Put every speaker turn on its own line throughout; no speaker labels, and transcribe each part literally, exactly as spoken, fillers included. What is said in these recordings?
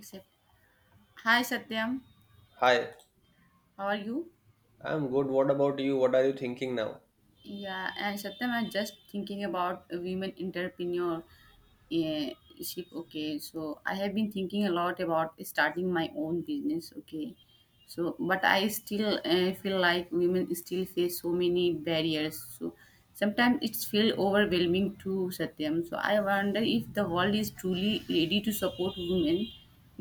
Except, hi Satyam,
Hi,
how are you?
I'm good. What about you? What are you thinking now?
Yeah, and Satyam, I'm just thinking about women entrepreneur eh, ship. Okay, so I have been thinking a lot about starting my own business. Okay, so but I still uh, feel like women still face so many barriers. So sometimes it's feel overwhelming too, Satyam. So I wonder if the world is truly ready to support women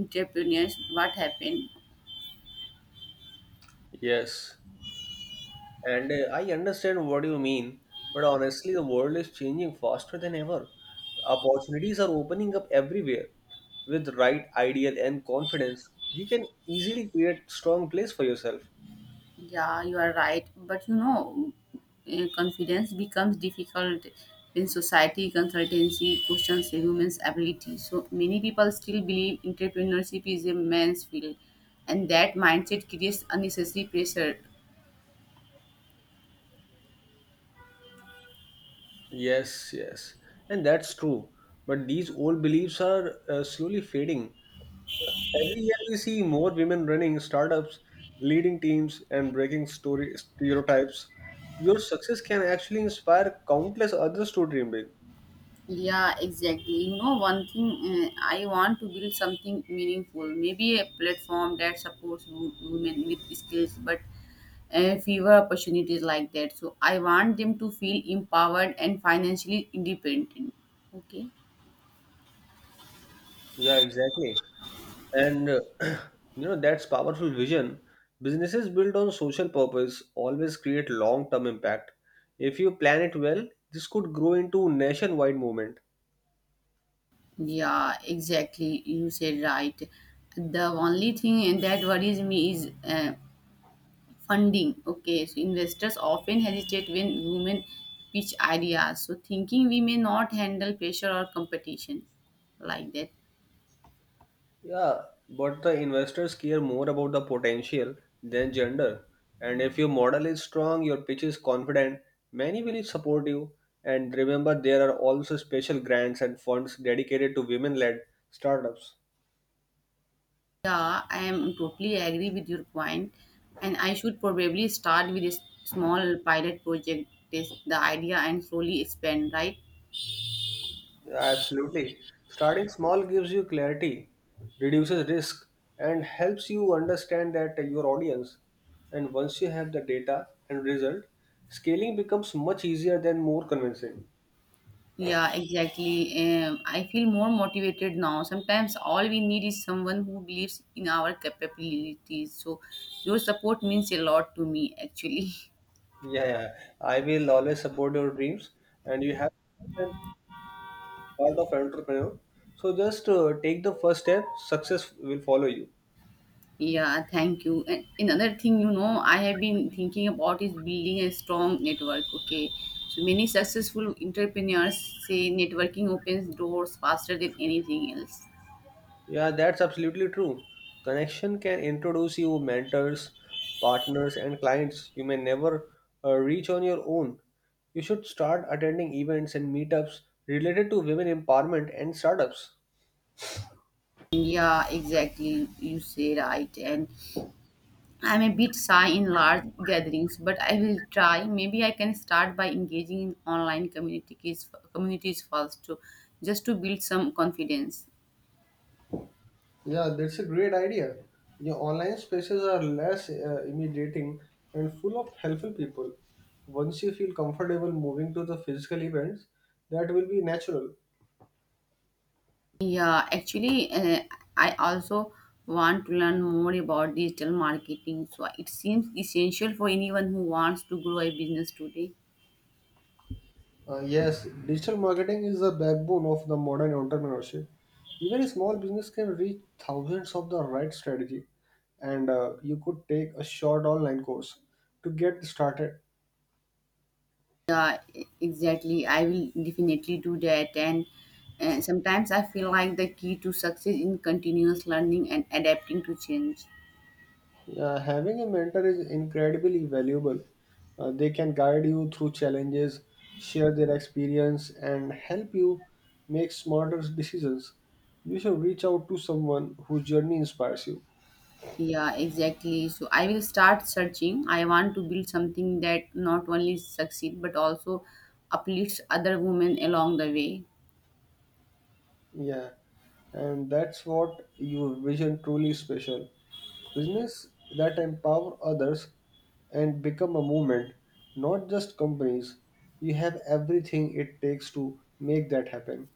entrepreneurs. What happened?
Yes. And uh, I understand what you mean, but honestly, the world is changing faster than ever. Opportunities are opening up everywhere. With right ideal and confidence, you can easily create strong place for yourself.
Yeah, you are right. But you know, eh, confidence becomes difficult in society. Consultancy questions a woman's ability. So many people still believe entrepreneurship is a man's field, and that mindset creates unnecessary pressure.
Yes, yes, and that's true. But these old beliefs are uh, slowly fading. Every year, we see more women running startups, leading teams, and breaking story stereotypes. Your success can actually inspire countless others to dream big.
Yeah, exactly. You know, one thing, uh, I want to build something meaningful, maybe a platform that supports wo- women with skills, but uh, fewer opportunities like that. So I want them to feel empowered and financially independent. Okay.
Yeah, exactly. And uh, you know that's powerful vision. Businesses built on social purpose always create long-term impact. If you plan it well, this could grow into nationwide movement.
Yeah, exactly. You said right. The only thing that worries me is uh, funding. Okay, so investors often hesitate when women pitch ideas, so thinking we may not handle pressure or competition like that.
Yeah, but the investors care more about the potential than gender. And if your model is strong, your pitch is confident, many will support you. And remember, there are also special grants and funds dedicated to women led startups.
Yeah, I am totally agree with your point, and I should probably start with a s- small pilot project, test the idea, and slowly expand. Right?
Yeah, absolutely. Starting small gives you clarity, reduces risk, and helps you understand that your audience. And once you have the data and result, scaling becomes much easier than more convincing.
Yeah, exactly. Um, I feel more motivated now. Sometimes all we need is someone who believes in our capabilities. So your support means a lot to me, actually.
Yeah, yeah. I will always support your dreams, and you have the part of entrepreneur. So just uh, take the first step. Success will follow you.
Yeah, thank you. And another thing, you know, I have been thinking about is building a strong network. Okay. So many successful entrepreneurs say networking opens doors faster than anything else.
Yeah, that's absolutely true. Connection can introduce you mentors, partners, and clients you may never uh, reach on your own. You should start attending events and meetups related to women empowerment and startups.
Yeah, exactly. You say right. And I'm a bit shy in large gatherings, but I will try. Maybe I can start by engaging in online communities communities first to just to build some confidence.
Yeah, that's a great idea. Your online spaces are less uh, intimidating and full of helpful people. Once you feel comfortable moving to the physical events, that will be natural.
Yeah, actually, uh, I also want to learn more about digital marketing. So it seems essential for anyone who wants to grow a business today.
Uh, yes, digital marketing is the backbone of the modern entrepreneurship. Even a small business can reach thousands of the right strategy, and uh, you could take a short online course to get started.
Yeah, e- exactly. I will definitely do that. And uh, sometimes I feel like the key to success in continuous learning and adapting to change.
Yeah, having a mentor is incredibly valuable. Uh, they can guide you through challenges, share their experience, and help you make smarter decisions. You should reach out to someone whose journey inspires you.
Yeah, exactly. So I will start searching. I want to build something that not only succeed but also uplifts other women along the way.
Yeah, and that's what your vision truly special. Business that empower others and become a movement, not just companies. You have everything it takes to make that happen.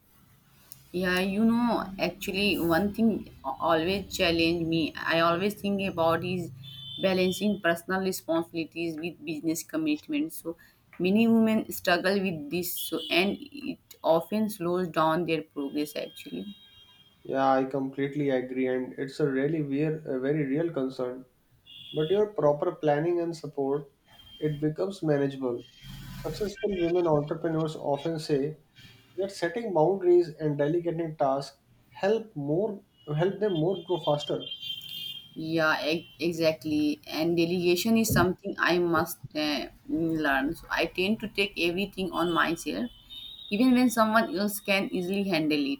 Yeah, you know, actually, one thing always challenge me. I always think about is balancing personal responsibilities with business commitments. So many women struggle with this, so and it often slows down their progress. Actually,
Yeah, I completely agree, and it's a really weir- a very real concern. But your proper planning and support, it becomes manageable. Successful women entrepreneurs often say that setting boundaries and delegating tasks help more help them more grow faster.
yeah, e- exactly. And delegation is something I must uh, mm, learn. So I tend to take everything on myself, even when someone else can easily handle it.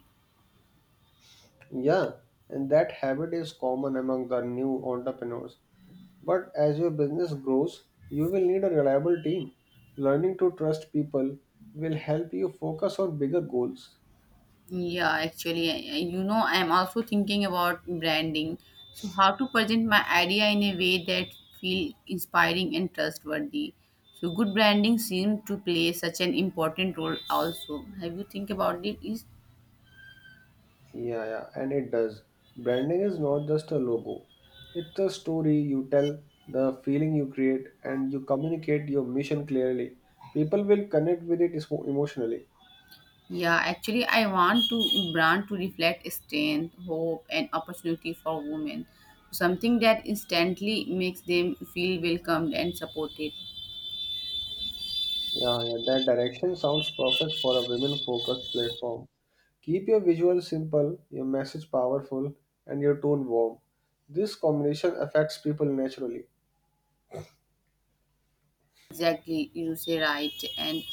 Yeah, and that habit is common among the new entrepreneurs. But as your business grows, you will need a reliable team. Learning to trust people will help you focus on bigger goals.
Yeah, actually, I- I- you know, I'm also thinking about branding. So how to present my idea in a way that feel inspiring and trustworthy. So good branding seems to play such an important role. Also, have you think about it? Is
Yeah, yeah, and it does. Branding is not just a logo, it's a story you tell, the feeling you create, and you communicate your mission clearly. People will connect with it emo- emotionally.
yeah, actually, I want to brand to reflect strength, hope, and opportunity for women. Something that instantly makes them feel welcomed and supported.
Yeah, yeah, that direction sounds perfect for a women focused platform. Keep your visuals simple, your message powerful, and your tone warm. This combination affects people naturally.
Exactly, you say right. And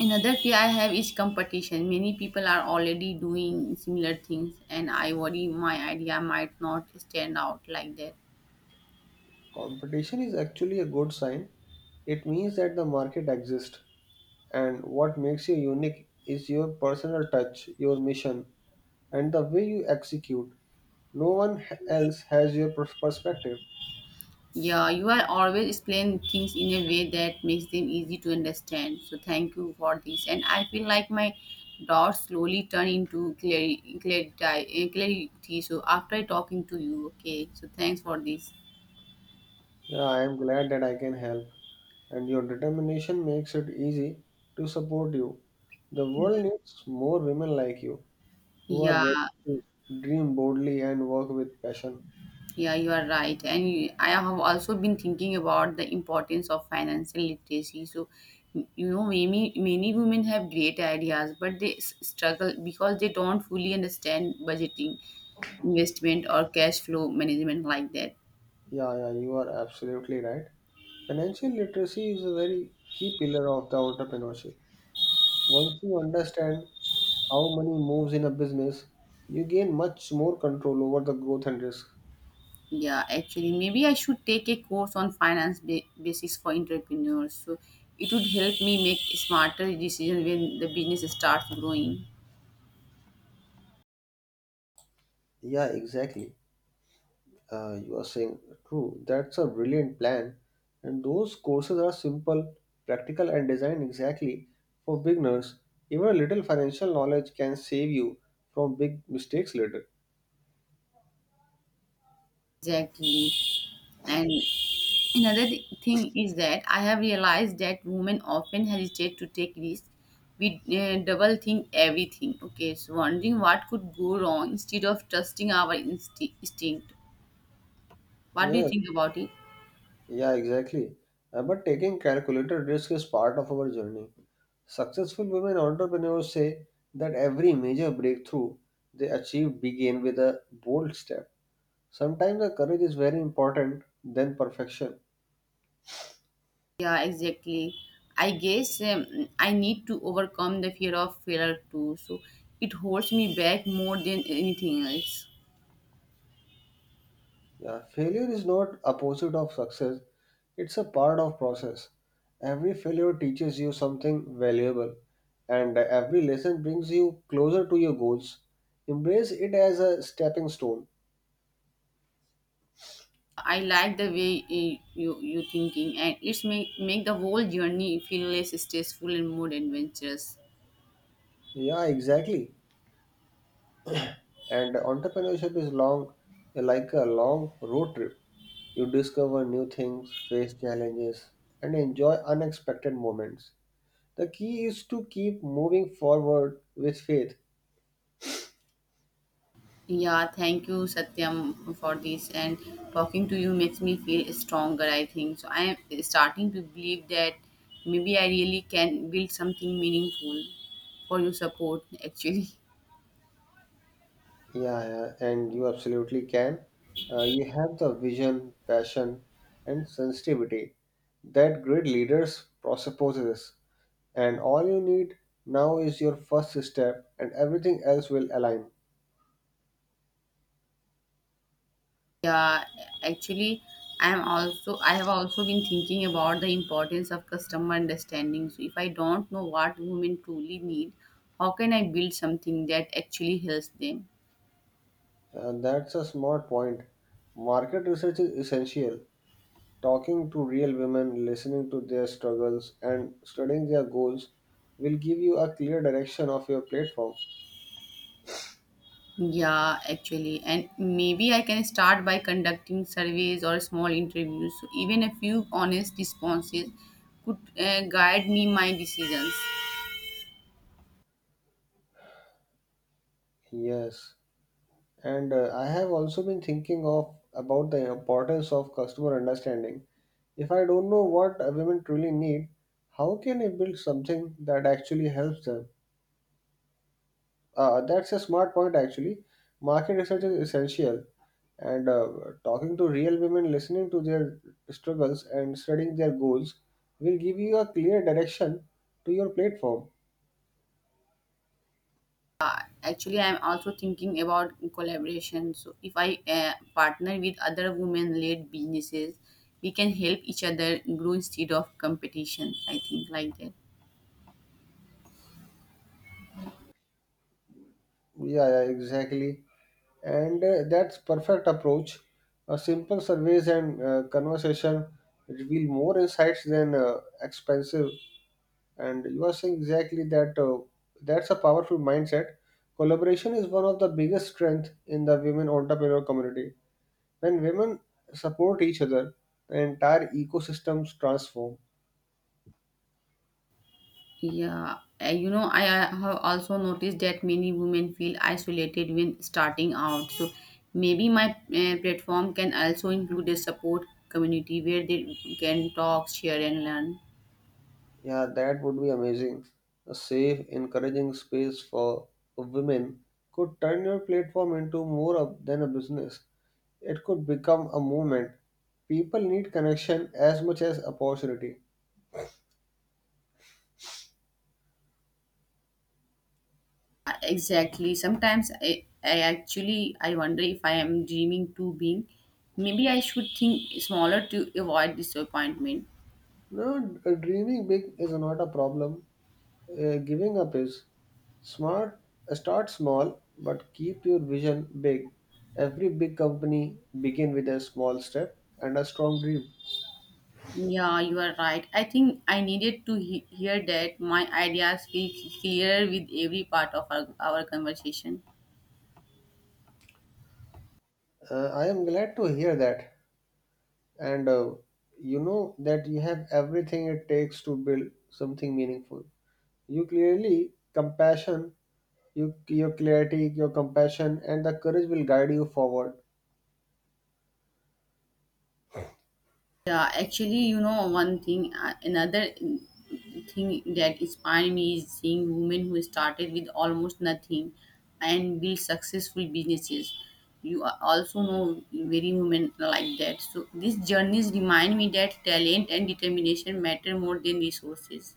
another fear I have is competition. Many people are already doing similar things, and I worry my idea might not stand out like that.
Competition is actually a good sign, it means that the market exists. And what makes you unique is your personal touch, your mission, and the way you execute. No one h- else has your pers- perspective.
Yeah, you are always explain things in a way that makes them easy to understand. So thank you for this, and I feel like my doubts slowly turn into clarity. clarity, clarity. So after talking to you, okay. So thanks for this.
Yeah, I am glad that I can help, and your determination makes it easy to support you. The world needs more women like you who are
Yeah.
ready to dream boldly and work with passion.
Yeah, you are right. And you- I have also been thinking about the importance of financial literacy. So, you know, many, many women have great ideas, but they s- struggle because they don't fully understand budgeting, investment, or cash flow management like that.
Yeah, yeah, you are absolutely right. Financial literacy is a very key pillar of the entrepreneurship. Once you understand how money moves in a business, you gain much more control over the growth and risk.
Yeah, actually, maybe I should take a course on finance ba- basics for entrepreneurs. So it would help me make smarter decisions when the business starts growing.
Yeah, exactly. Uh, you are saying true. That's a brilliant plan. And those courses are simple, practical, and designed exactly for beginners. Even a little financial knowledge can save you from big mistakes later.
Exactly. And another th- thing is that I have realized that women often hesitate to take risks. We uh, double think everything. Okay, so wondering what could go wrong instead of trusting our insti- instinct. What do you
Yeah,
think about it?
Yeah, exactly. Uh, but taking calculated risk is part of our journey. Successful women entrepreneurs say that every major breakthrough they achieve began with a bold step. Sometimes the courage is very important than perfection.
Yeah, exactly. I guess um, I need to overcome the fear of failure too. So it holds me back more than anything else.
Yeah, failure is not opposite of success. It's a part of process. Every failure teaches you something valuable and every lesson brings you closer to your goals. Embrace it as a stepping stone.
I like the way uh, you you thinking, and it's make make the whole journey feel less stressful and more adventurous.
Yeah, exactly. And entrepreneurship is long, like a long road trip. You discover new things, face challenges, and enjoy unexpected moments. The key is to keep moving forward with faith.
Yeah, thank you, Satyam, for this. And talking to you makes me feel stronger, I think. So I am starting to believe that maybe I really can build something meaningful for your support, actually.
Yeah, yeah, and you absolutely can. Uh, you have the vision, passion, and sensitivity that great leaders presupposes, and all you need now is your first step, and everything else will align.
Yeah, actually, I am also I have also been thinking about the importance of customer understanding. So if I don't know what women truly need, how can I build something that actually helps them?
And that's a smart point. Market research is essential. Talking to real women, listening to their struggles, and studying their goals will give you a clear direction of your platform.
Yeah, actually, and maybe I can start by conducting surveys or small interviews. So even a few honest responses could uh, guide me my decisions.
Yes, and uh, I have also been thinking of about the importance of customer understanding. If I don't know what a women truly need, how can I build something that actually helps them? Uh, that's a smart point, actually. Market research is essential, and uh, talking to real women, listening to their struggles, and studying their goals will give you a clear direction to your platform.
Actually, I'm also thinking about collaboration. So if I uh, partner with other women-led businesses, we can help each other grow instead of competition. I think like that.
Yeah, yeah, exactly. And uh, that's perfect approach. A simple surveys and uh, conversation reveal more insights than uh, expensive, and you are saying exactly that uh, that's a powerful mindset. Collaboration is one of the biggest strength in the women entrepreneur community. When women support each other, the entire ecosystems transform.
Yeah, uh, you know, I uh, have also noticed that many women feel isolated when starting out. So maybe my uh, platform can also include a support community where they can talk, share, and learn.
Yeah, that would be amazing. A safe encouraging space for women could turn your platform into more of, than a business. It could become a movement. People need connection as much as opportunity.
Uh, Exactly. Sometimes I, I actually I wonder if I am dreaming too big. Maybe I should think smaller to avoid disappointment.
No, dreaming big is not a problem. Uh, giving up is smart. uh, Start small, but keep your vision big. Every big company begin with a small step and a strong dream.
Yeah, you are right. I think I needed to he- hear that my ideas be clearer with every part of our, our conversation.
Uh, I am glad to hear that, and uh, you know that you have everything it takes to build something meaningful. You clearly compassion, you your clarity, your compassion, and the courage will guide you forward.
Yeah, actually, you know, one thing, uh, another thing that inspired me is seeing women who started with almost nothing and built successful businesses. You are also know very women like that. So these journeys remind me that talent and determination matter more than resources.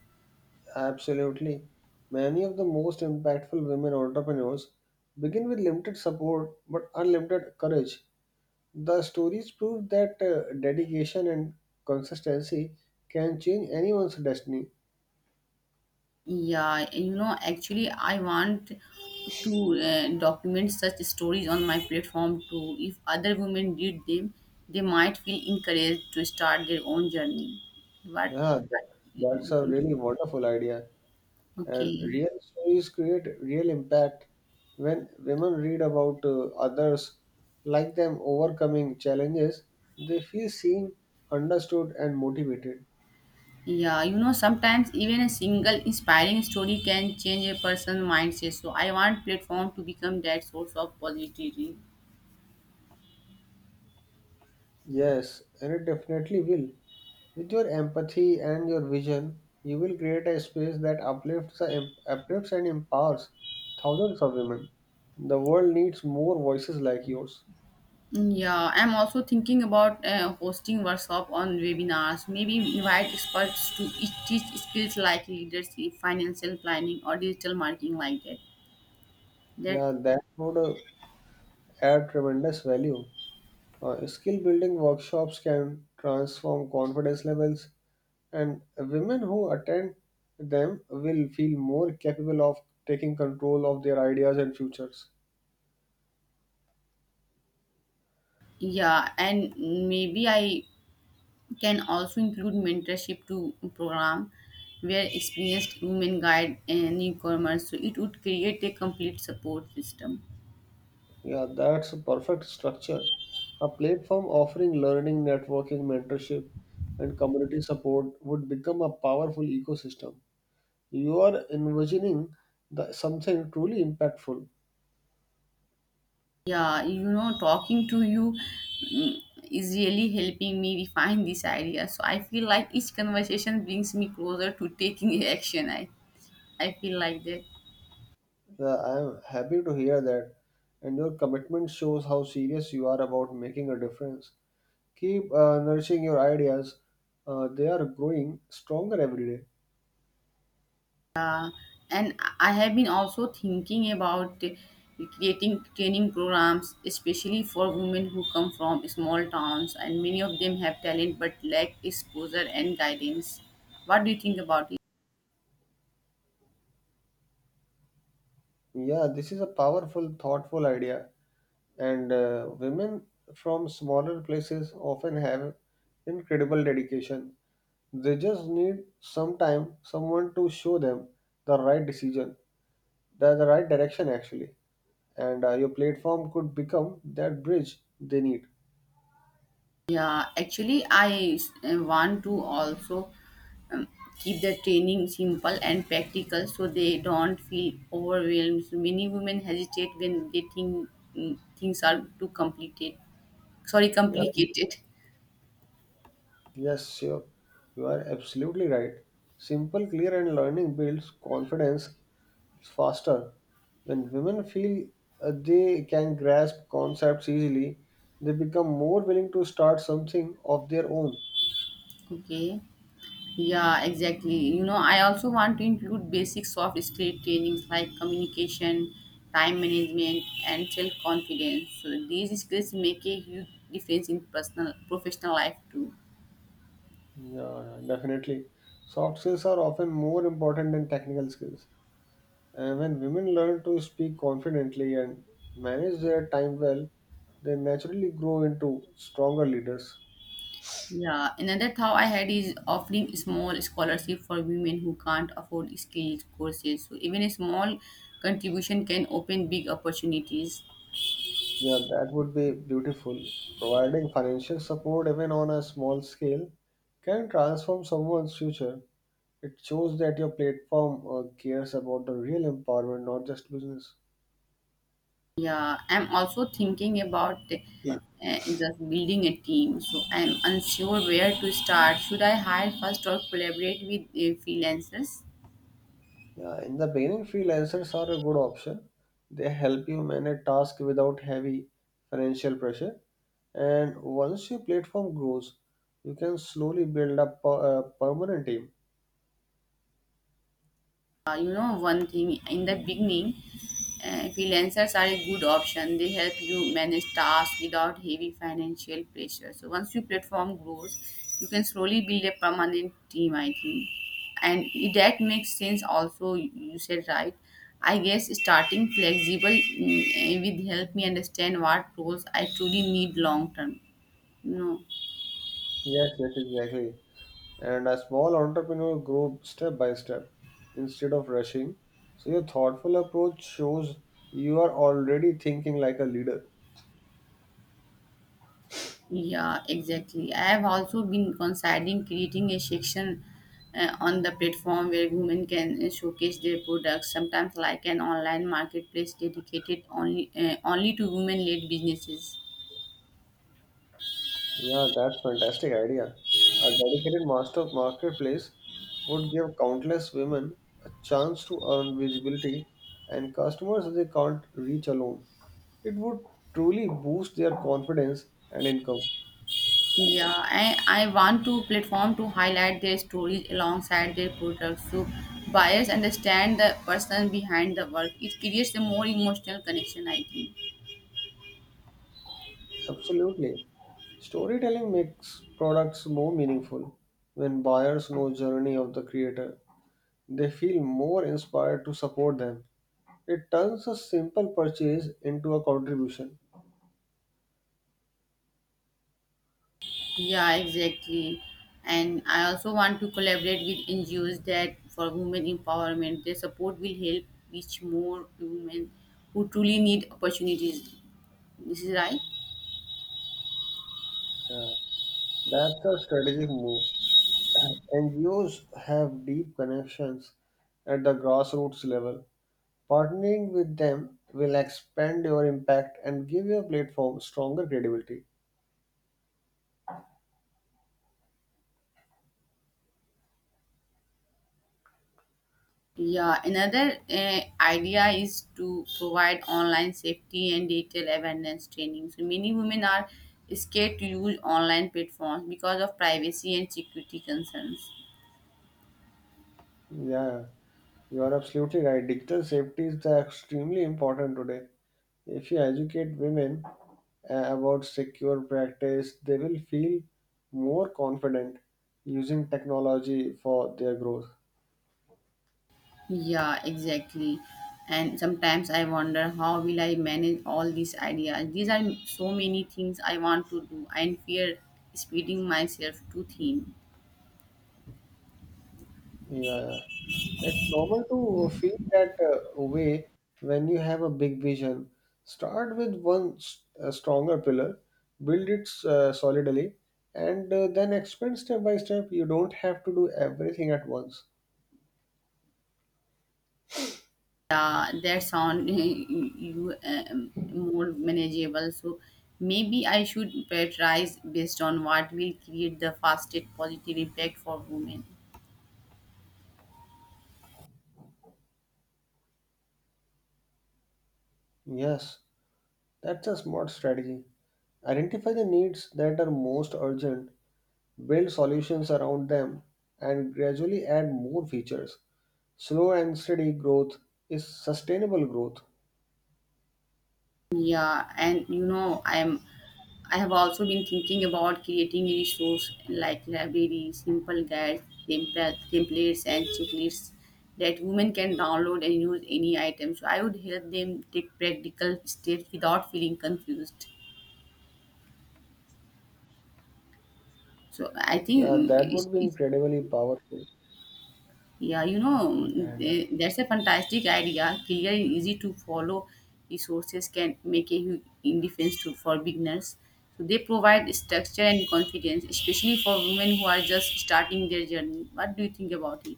Absolutely. Many of the most impactful women entrepreneurs begin with limited support but unlimited courage. The stories prove that uh, dedication and consistency can change anyone's destiny.
Yeah, you know, actually, I want to uh, document such stories on my platform too. If other women did them, they might feel encouraged to start their own journey. But,
Yeah, tha- that's a really wonderful idea. And
okay.
real stories create real impact. When women read about uh, others like them overcoming challenges, they feel seen, understood, and motivated.
Yeah, you know, sometimes even a single inspiring story can change a person's mindset. So I want platform to become that source of positivity.
Yes, and it definitely will. With your empathy and your vision, you will create a space that uplifts, the em- uplifts and empowers thousands of women. The world needs more voices like yours.
Mm, yeah, I'm also thinking about uh, hosting workshop on webinars. Maybe invite experts to each teach skills like leadership, financial planning, or digital marketing, like that. That
Yeah, that would uh, add tremendous value. Uh, skill building workshops can transform confidence levels, and women who attend them will feel more capable of taking control of their ideas and futures.
yeah, and maybe I can also include mentorship to program where experienced women guide and newcomers. So it would create a complete support system.
Yeah, that's a perfect structure. A platform offering learning, networking, mentorship, and community support would become a powerful ecosystem. You are envisioning the, something truly impactful.
Yeah, you know, talking to you mm, is really helping me refine this idea. So I feel like each conversation brings me closer to taking action. I, I feel like that.
Yeah, I am happy to hear that, and your commitment shows how serious you are about making a difference. Keep uh, nourishing your ideas, uh, they are growing stronger every day.
Uh, and I have been also thinking about uh, creating training programs, especially for women who come from small towns, and many of them have talent but lack exposure and guidance. What do you think about it?
Yeah, this is a powerful, thoughtful idea, and uh, women from smaller places often have incredible dedication. They just need some time, someone to show them the right decision, the, the right direction actually. And uh, your platform could become that bridge they need.
Yeah, actually, I uh, want to also um, keep the training simple and practical so they don't feel overwhelmed. So many women hesitate when they think mm, things are too complicated. Sorry,
Yeah,
complicated.
yes, sure. You are absolutely right. Simple, clear, and learning builds confidence faster. When women feel uh, they can grasp concepts easily, they become more willing to start something of their own.
Okay. Yeah, exactly. You know, I also want to include basic soft skill trainings like communication, time management, and self confidence. So these skills make a huge difference in personal professional life too.
Yeah, yeah, definitely. Soft skills are often more important than technical skills. And when women learn to speak confidently and manage their time well, they naturally grow into stronger leaders.
Yeah, another thought I had is offering small scholarship for women who can't afford skilled courses. So even a small contribution can open big opportunities.
Yeah, that would be beautiful. Providing financial support, even on a small scale, can transform someone's future. It shows that your platform uh, cares about the real empowerment, not just business.
Yeah, I'm also thinking about
Yeah.
uh, just building a team. So I'm unsure where to start. Should I hire first or collaborate with uh, freelancers?
Yeah, in the beginning, freelancers are a good option. They help you manage tasks without heavy financial pressure. And once your platform grows, you can slowly build up a a permanent team.
Uh, you know, one thing, in the beginning uh, freelancers are a good option. They help you manage tasks without heavy financial pressure. So once your platform grows, you can slowly build a permanent team, I think. And it- that makes sense also. You said right. I guess starting flexible mm, eh, with help me understand what roles I truly need long term, you know.
Yes, yes, exactly. And a small entrepreneur grow step by step instead of rushing. So your thoughtful approach shows you are already thinking like a leader.
Yeah, exactly. I have also been considering creating a section uh, on the platform where women can uh, showcase their products, sometimes like an online marketplace dedicated only uh, only to women-led businesses.
Yeah, that's fantastic idea. A dedicated master marketplace would give countless women a chance to earn visibility and customers they can't reach alone. It would truly boost their confidence and income.
Yeah, I, I want to platform to highlight their stories alongside their products so buyers understand the person behind the work. It creates a more emotional connection, I think.
Absolutely. Storytelling makes products more meaningful. When buyers know journey of the creator, they feel more inspired to support them. It turns a simple purchase into a contribution.
Yeah, exactly. And I also want to collaborate with N G Os that for women empowerment. Their support will help reach more women who truly need opportunities. This is right.
Yeah, that's a strategic move. N G Os have deep connections at the grassroots level. Partnering with them will expand your impact and give your platform stronger credibility.
Yeah, another uh, idea is to provide online safety and digital awareness training. So many women are scared to use online platforms because of privacy and security concerns.
Yeah, you are absolutely right. Digital safety is the extremely important today. If you educate women uh, about secure practice, they will feel more confident using technology for their growth.
Yeah, exactly. And sometimes I wonder how will I manage all these ideas? These are so many things I want to do and fear speeding myself too thin.
Yeah, it's normal to feel that uh, way when you have a big vision. Start with one s- uh, stronger pillar, build it uh, solidly, and uh, then expand step by step. You don't have to do everything at once.
Yeah, that sound you um, more manageable. So maybe I should prioritize based on what will create the fastest positive impact for women.
Yes, that's a smart strategy. Identify the needs that are most urgent, build solutions around them, and gradually add more features. Slow and steady growth is sustainable growth.
Yeah, and you know, I'm I have also been thinking about creating a resource like library, simple guides, template- templates, and checklists that women can download and use any item. So I would help them take practical steps without feeling confused. So I think
Yeah,
mm,
that
it's,
would be
it's
incredibly powerful.
Yeah, you know,
And uh,
eh, that's a fantastic idea. Clear and easy to follow resources can make a huge difference to, for beginners. So they provide structure and confidence, especially for women who are just starting their journey. What do you think about it?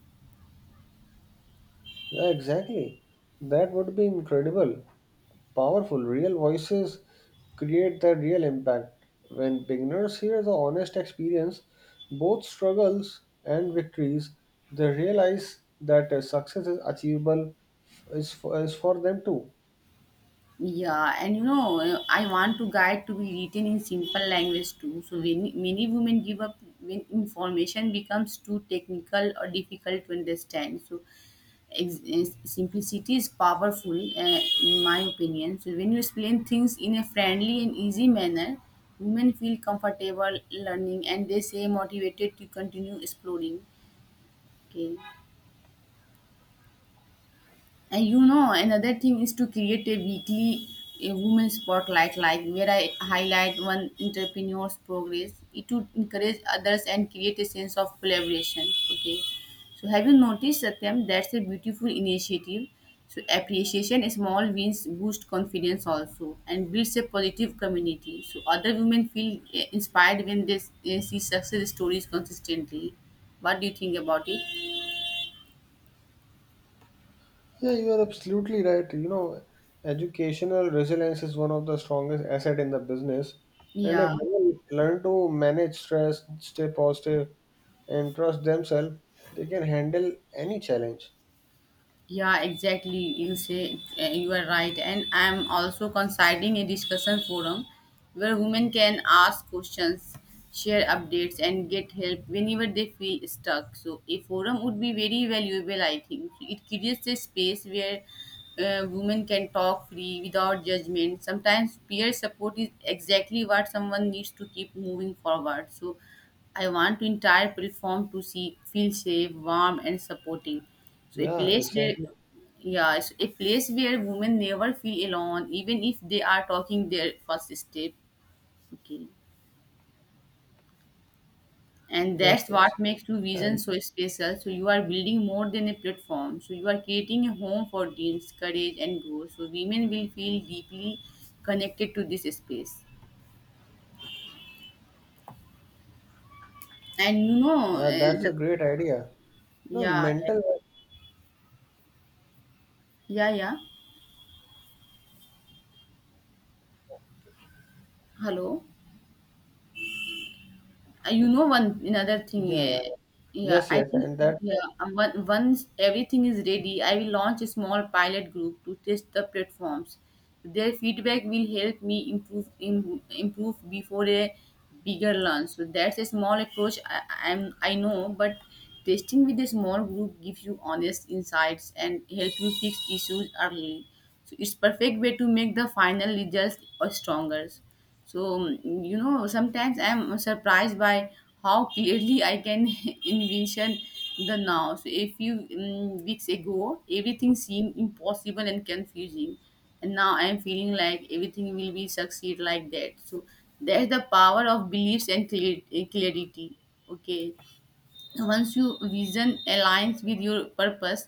yeah, exactly. That would be incredible. Powerful, real voices create that real impact. When beginners hear the honest experience, both struggles and victories, they realize that uh, success is achievable f- is for, is for them too.
Yeah, and you know, uh, I want to guide to be written in simple language too. So many, many women give up when information becomes too technical or difficult to understand. So ex- is- simplicity is powerful, uh, in my opinion. So when you explain things in a friendly and easy manner, women feel comfortable learning and they say motivated to continue exploring. Okay. And you know, another thing is to create a weekly a women spotlight, like where I highlight one entrepreneur's progress. It would encourage others and create a sense of collaboration. Okay. So have you noticed Satyam? That's a beautiful initiative. So appreciation, small wins boost confidence also and builds a positive community. So other women feel eh, inspired when they s- eh, see success stories consistently. What do you think about it?
Yeah, you are absolutely right. You know, educational resilience is one of the strongest asset in the business. And
Yeah.
if women learn to manage stress, stay positive, and trust themselves, they can handle any challenge.
Yeah, exactly. You say uh, you are right, and I'm also considering a discussion forum where women can ask questions, share updates, and get help whenever they feel stuck. So a forum would be very valuable, I think. So it creates a space where uh, women can talk free without judgment. Sometimes peer support is exactly what someone needs to keep moving forward. So I want to entire platform to see feel safe, warm, and supporting. So a
Yeah,
place where,
exactly.
yeah, it's a place where women never feel alone, even if they are talking their first step. Okay. And
Yes,
that's
yes.
what makes two
And
visions so special. So you are building more than a platform. So you are creating a home for dreams, courage and growth. So women will feel deeply connected to this space. And you know
yeah, that's
uh,
a great idea. No,
yeah
mental.
yeah yeah. Hello. Uh, you know one another thing
Yeah, yeah,
eh,
yeah.
yeah
Yes,
I
yes.
think
And that,
yeah um, on- once everything is ready, I will launch a small pilot group to test the platforms. Their feedback will help me improve im- improve before a bigger launch. So that's a small approach. I, i'm i know, but testing with a small group gives you honest insights and help you fix issues early. So it's perfect way to make the final results uh, stronger. So, mm, you know, sometimes I'm surprised by how clearly I can envision the now. So, a few mm weeks ago, everything seemed impossible and confusing, and now I'm feeling like everything will be succeed like that. So, there's the power of beliefs and clar- clarity. Okay. Once your vision aligns with your purpose,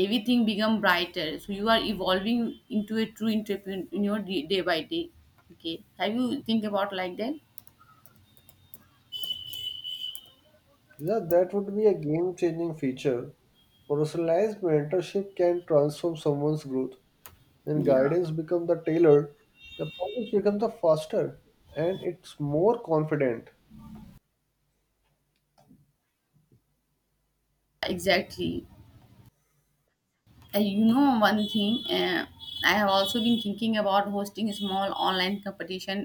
everything become brighter. So you are evolving into a true entrepreneur day day by day. Okay, have you think about like that?
yeah, that would be a game-changing feature. Personalized mentorship can transform someone's growth. When
Yeah,
guidance becomes the tailor, the progress becomes the faster and it's more confident.
exactly. Uh, you know one thing, uh, I have also been thinking about hosting a small online competition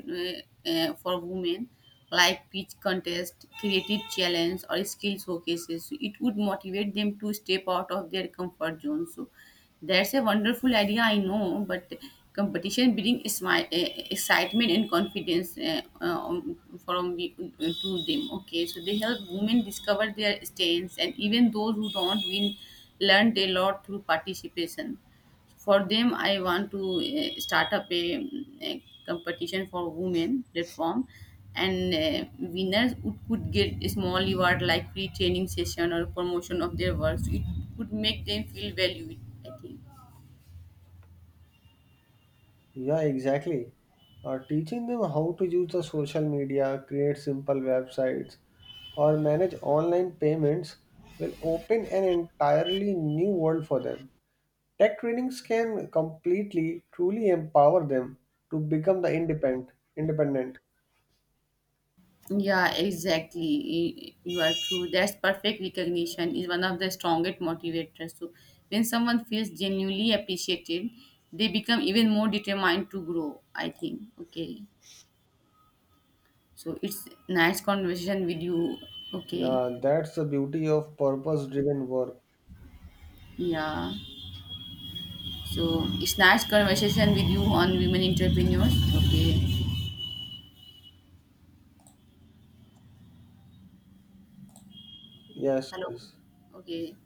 uh, uh, for women, like pitch contest, creative challenge, or skill showcases. So it would motivate them to step out of their comfort zone. So that's a wonderful idea, I know, but competition brings smi- uh, excitement and confidence, uh, uh, um, from the, to them. Okay, so they help women discover their strengths, and even those who don't win learned a lot through participation. For them, I want to eh, start up a, mm, a competition for women platform, and eh, winners would, could get a small reward like free training session or promotion of their work. So it would make them feel valued, I think.
Yeah, exactly. Uh, teaching them how to use the social media, create simple websites, or manage online payments will open an entirely new world for them. Tech trainings can completely, truly empower them to become the independent. Independent.
Yeah, exactly. Y- You are true. That's perfect. Recognition is one of the strongest motivators. So when someone feels genuinely appreciated, they become even more determined to grow, I think. Okay. So it's nice conversation with you. Okay.
Yeah, that's the beauty of purpose-driven work.
Yeah. So it's nice conversation with you on women entrepreneurs. Okay.
Yes,
Hello.
yes.
Okay.